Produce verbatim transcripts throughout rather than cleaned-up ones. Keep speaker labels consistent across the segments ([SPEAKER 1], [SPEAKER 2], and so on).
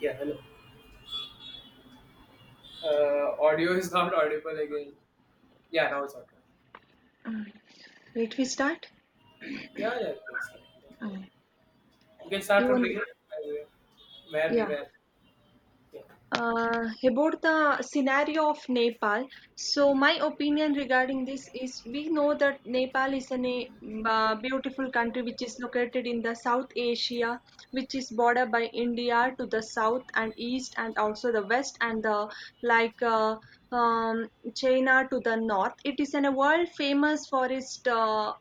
[SPEAKER 1] Yeah, hello. Uh, audio is not audible again. Yeah, now it's audible.
[SPEAKER 2] Let me start.
[SPEAKER 1] Yeah, yeah, you can start. That's fine.
[SPEAKER 2] Mm.
[SPEAKER 1] You can start from
[SPEAKER 2] Even
[SPEAKER 1] beginning. I will- Where
[SPEAKER 2] yeah.
[SPEAKER 1] we were. Yeah,
[SPEAKER 2] Uh, about the scenario of Nepal. So my opinion regarding this is we know that Nepal is a na- uh, beautiful country which is located in the South Asia, which is bordered by India to the south and east, and also the west and the like uh, um, China to the north. It is in a world famous forest, uh,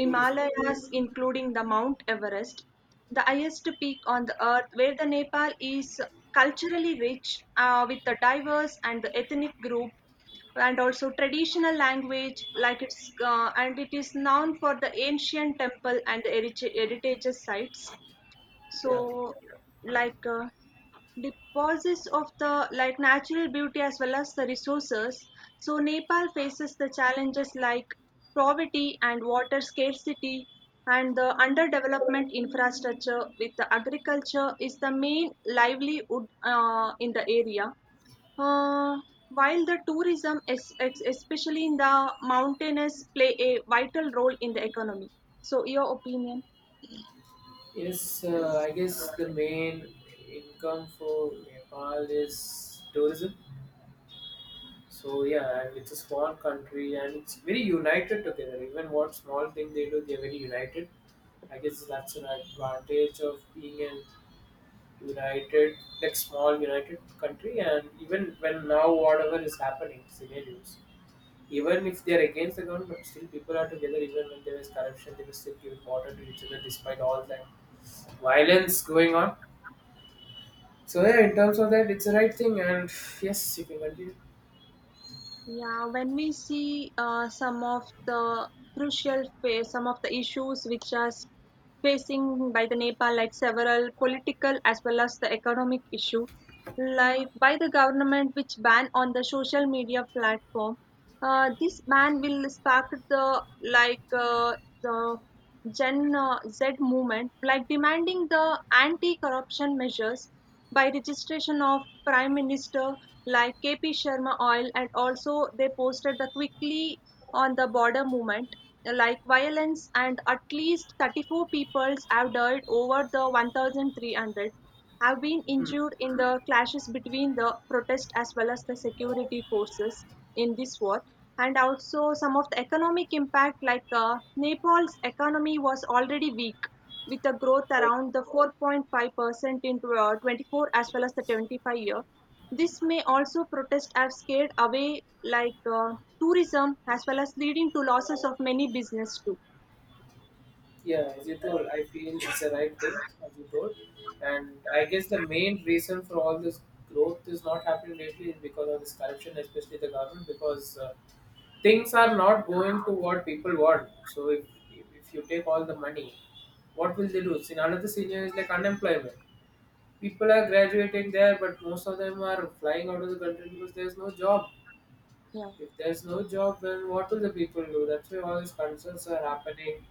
[SPEAKER 1] tourism.
[SPEAKER 2] including the Mount Everest, the highest peak on the earth, where the Nepal is culturally rich uh, with a diverse and ethnic group and also traditional language like it's uh, and it is known for the ancient temple and heritage heritage sites.
[SPEAKER 1] Yeah.
[SPEAKER 2] So like uh, deposits of the like natural beauty as well as the resources, so Nepal faces the challenges like poverty and water scarcity and the underdevelopment infrastructure with the agriculture is the main livelihood uh, in the area. Uh, while the tourism, es- es- especially in the mountainous, play a vital role in the economy. So, your opinion?
[SPEAKER 1] Yes, uh, I guess the main income for Nepal is tourism. So yeah, and it's a small country and it's very united together. Even what small thing they do, they're very united. I guess that's an advantage of being an united like small united country, and even when now whatever is happening scenarios, even if they are against the government, but still people are together. Even when there is corruption, they will still give water to each other despite all that violence going on. So yeah, in terms of that, it's the right thing, and yes, you can continue.
[SPEAKER 2] Yeah, when we see uh, some of the crucial phase, some of the issues which are s- facing by the Nepal, like several political as well as the economic issue, like by the government which ban on the social media platform, uh, this ban will spark the like uh, the Gen uh, Z movement, like demanding the anti-corruption measures by registration of Prime Minister like K P Sharma Oil, and also they posted the quickly on the border movement, like violence, and at least thirty-four people have died, over the one thousand three hundred have been
[SPEAKER 1] Hmm.
[SPEAKER 2] injured in the clashes between the protest as well as the security forces in this war. And also some of the economic impact, like uh, nepal's economy was already weak with a growth
[SPEAKER 1] Oh,
[SPEAKER 2] around the four point five percent in uh, twenty-four as
[SPEAKER 1] okay.
[SPEAKER 2] well as the twenty-five year. This may also protest have scared away like uh, tourism as well as leading to losses of many business too.
[SPEAKER 1] Yeah, as you told, I feel it's the right thing, as you told. And I guess the main reason for all this growth is not happening lately is because of this corruption, especially the government, because uh, things are not going to what people want. So if, if if you take all the money, what will they do? See, another scenario is like unemployment. People are graduating there, but most of them are flying out of the country because there's no job.
[SPEAKER 2] Yeah.
[SPEAKER 1] If there's no job, then what will the people do? That's why all these concerns are happening.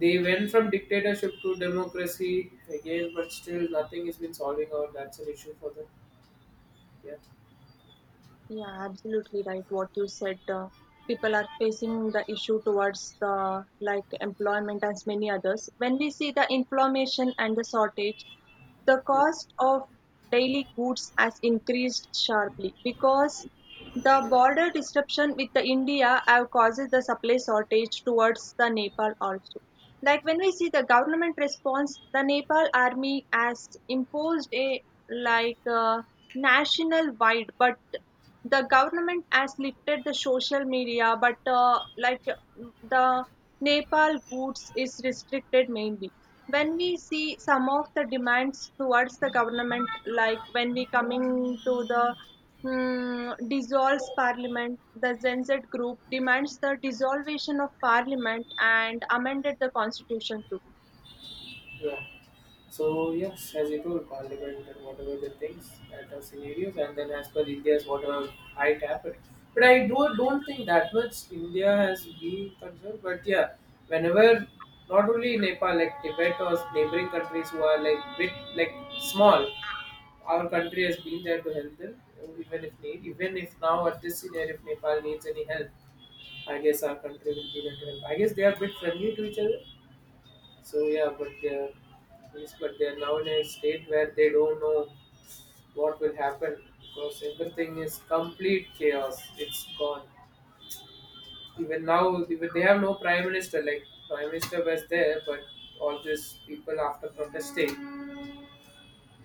[SPEAKER 1] They went from dictatorship to democracy again, but still nothing has been solving out. That's an issue for them. Yeah.
[SPEAKER 2] Yeah, absolutely right. What you said, uh, people are facing the issue towards the like employment as many others. When we see the inflammation and the shortage, the
[SPEAKER 1] Mm.
[SPEAKER 2] cost of daily goods has increased sharply because the border disruption with the India have causes the supply shortage towards the Nepal also. Like when we see the government response, the Nepal army has imposed a like uh, national wide but the government has lifted the social media, but uh, like uh, the Nepal goods is restricted mainly. When we see some of the demands towards the government, like when we coming to the mm, dissolves parliament, the Zenz group demands the dissolution of parliament and amended the constitution too.
[SPEAKER 1] Yeah. So yes, as you told, Parliament and whatever the things that are scenarios, and then as per India's whatever might happen. But I do don't think that much India has been concerned. But yeah, whenever, not only Nepal, like Tibet or neighboring countries who are like bit like small, our country has been there to help them. Even if need, even if now at this scenario, if Nepal needs any help, I guess our country will be there to help. I guess they are a bit friendly to each other. So yeah, but they're, yes, but they're now in a state where they don't know what will happen because everything is complete chaos. It's gone. Even now, even they have no prime minister. Like prime minister was there, but all these people after protesting,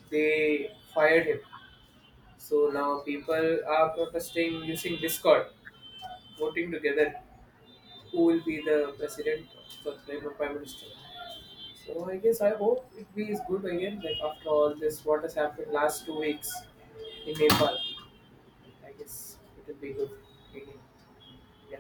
[SPEAKER 1] they fired him. So now people are protesting using Discord, voting together who will be the president or the prime prime minister. So I guess I hope it be is good again. Like after all this, what has happened last two weeks in Nepal, I guess it will be good again. Yeah,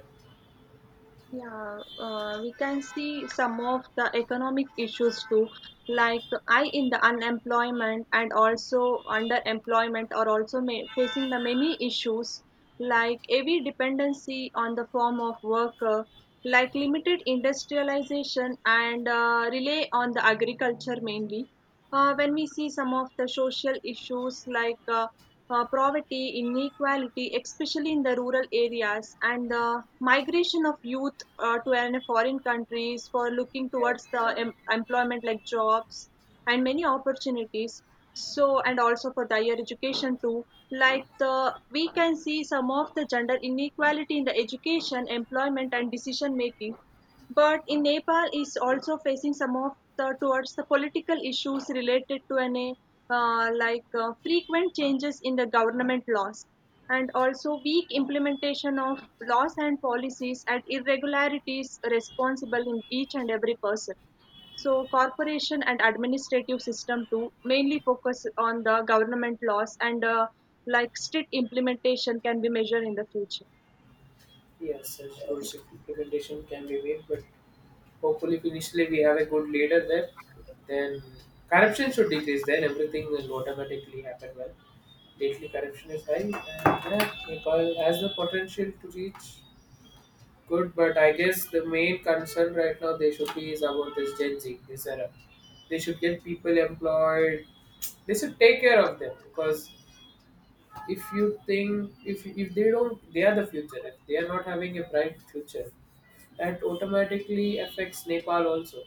[SPEAKER 2] Yeah, uh, we can see some of the economic issues too, like I in the unemployment and also underemployment are also ma- facing the many issues like heavy dependency on the form of worker, like limited industrialization and uh, rely on the agriculture mainly. Uh, when we see some of the social issues like uh, uh, poverty, inequality, especially in the rural areas, and the migration of youth uh, to an foreign countries for looking
[SPEAKER 1] yeah,
[SPEAKER 2] towards the em- employment like jobs and many opportunities. So, and also for the higher education too. Like the, we can see some of the gender inequality in the education, employment, and decision making. But in Nepal is also facing some of the towards the political issues related to an uh, like uh, frequent changes in the government laws and also weak implementation of laws and policies and irregularities responsible in each and every person. So corporation and administrative system too mainly focus on the government laws and uh, like strict implementation can be measured in the future.
[SPEAKER 1] yes. And rules implementation can be made, but hopefully, if initially we have a good leader there, then corruption should decrease. Then everything will automatically happen well. Lately, corruption is high, and yeah, Nepal has the potential to reach good, but I guess the main concern right now they should be is about this Gen Z, this era. They should get people employed. They should take care of them because if you think, if if they don't, they are the future. If they are not having a bright future, that automatically affects Nepal also.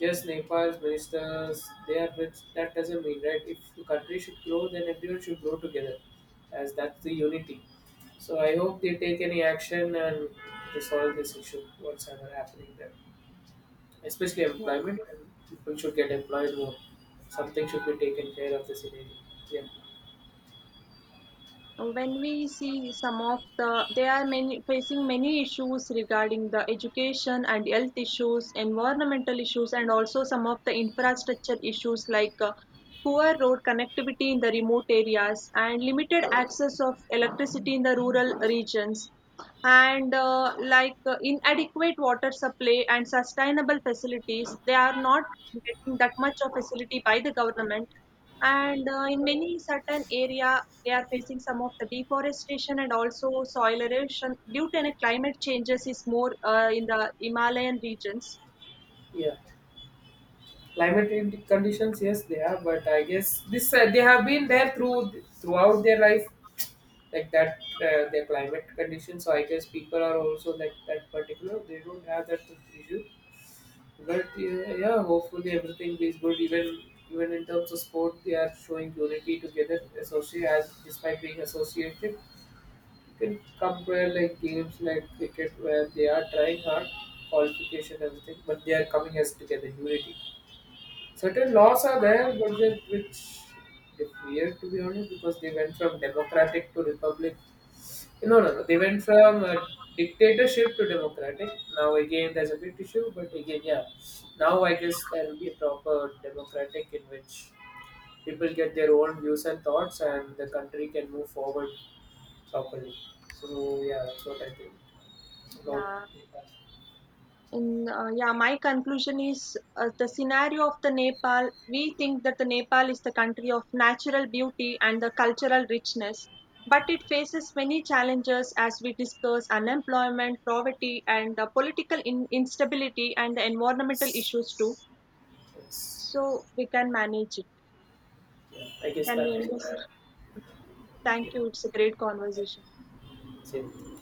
[SPEAKER 1] Just Nepal's ministers, they are rich. That doesn't mean, right? If the country should grow, then everyone should grow together, as that's the unity. So I hope they take any action and resolve this issue, what's ever happening there. Especially
[SPEAKER 2] Yeah,
[SPEAKER 1] employment, and people should get employed more. Something should be taken care of this area. Yeah,
[SPEAKER 2] when we see some of the they are many facing many issues regarding the education and health issues, environmental issues, and also some of the infrastructure issues like uh, poor road connectivity in the remote areas and limited access of electricity in the rural regions and uh, like uh, inadequate water supply and sustainable facilities, they are not getting that much of facility by the government. And uh, in many certain area they are facing some of the deforestation and also soil erosion due to any climate changes is more uh, in the himalayan regions.
[SPEAKER 1] yeah. Climate in- conditions, yes, they are, but I guess this uh, they have been there through throughout their life. Like that uh, their climate condition. So I guess people are also like that particular. They don't have that issue. But yeah, yeah, hopefully everything is good. Even even in terms of sport, they are showing unity together. Associate as despite being associated, you can compare like games like cricket where they are trying hard, qualification everything, but they are coming as together unity. Certain laws are there, but with which they fear to be honest because they went from democratic to republic, no, no, no. They went from a dictatorship to democratic. Now again, there's a big issue, but again, yeah. Now I guess there will be a proper democratic in which people get their own views and thoughts, and the country can move forward properly. So yeah, that's what I think about.
[SPEAKER 2] Yeah, in uh, yeah my conclusion is uh, the scenario of the nepal, we think that the nepal is the country of natural beauty and the cultural richness, but it faces many challenges as we discuss unemployment, poverty, and uh, political in- instability and the environmental
[SPEAKER 1] Yes,
[SPEAKER 2] issues too.
[SPEAKER 1] yes.
[SPEAKER 2] So we can manage it.
[SPEAKER 1] Yeah, I guess
[SPEAKER 2] Can we
[SPEAKER 1] that
[SPEAKER 2] end
[SPEAKER 1] was it.
[SPEAKER 2] this? Thank you. It's a great conversation.
[SPEAKER 1] Same.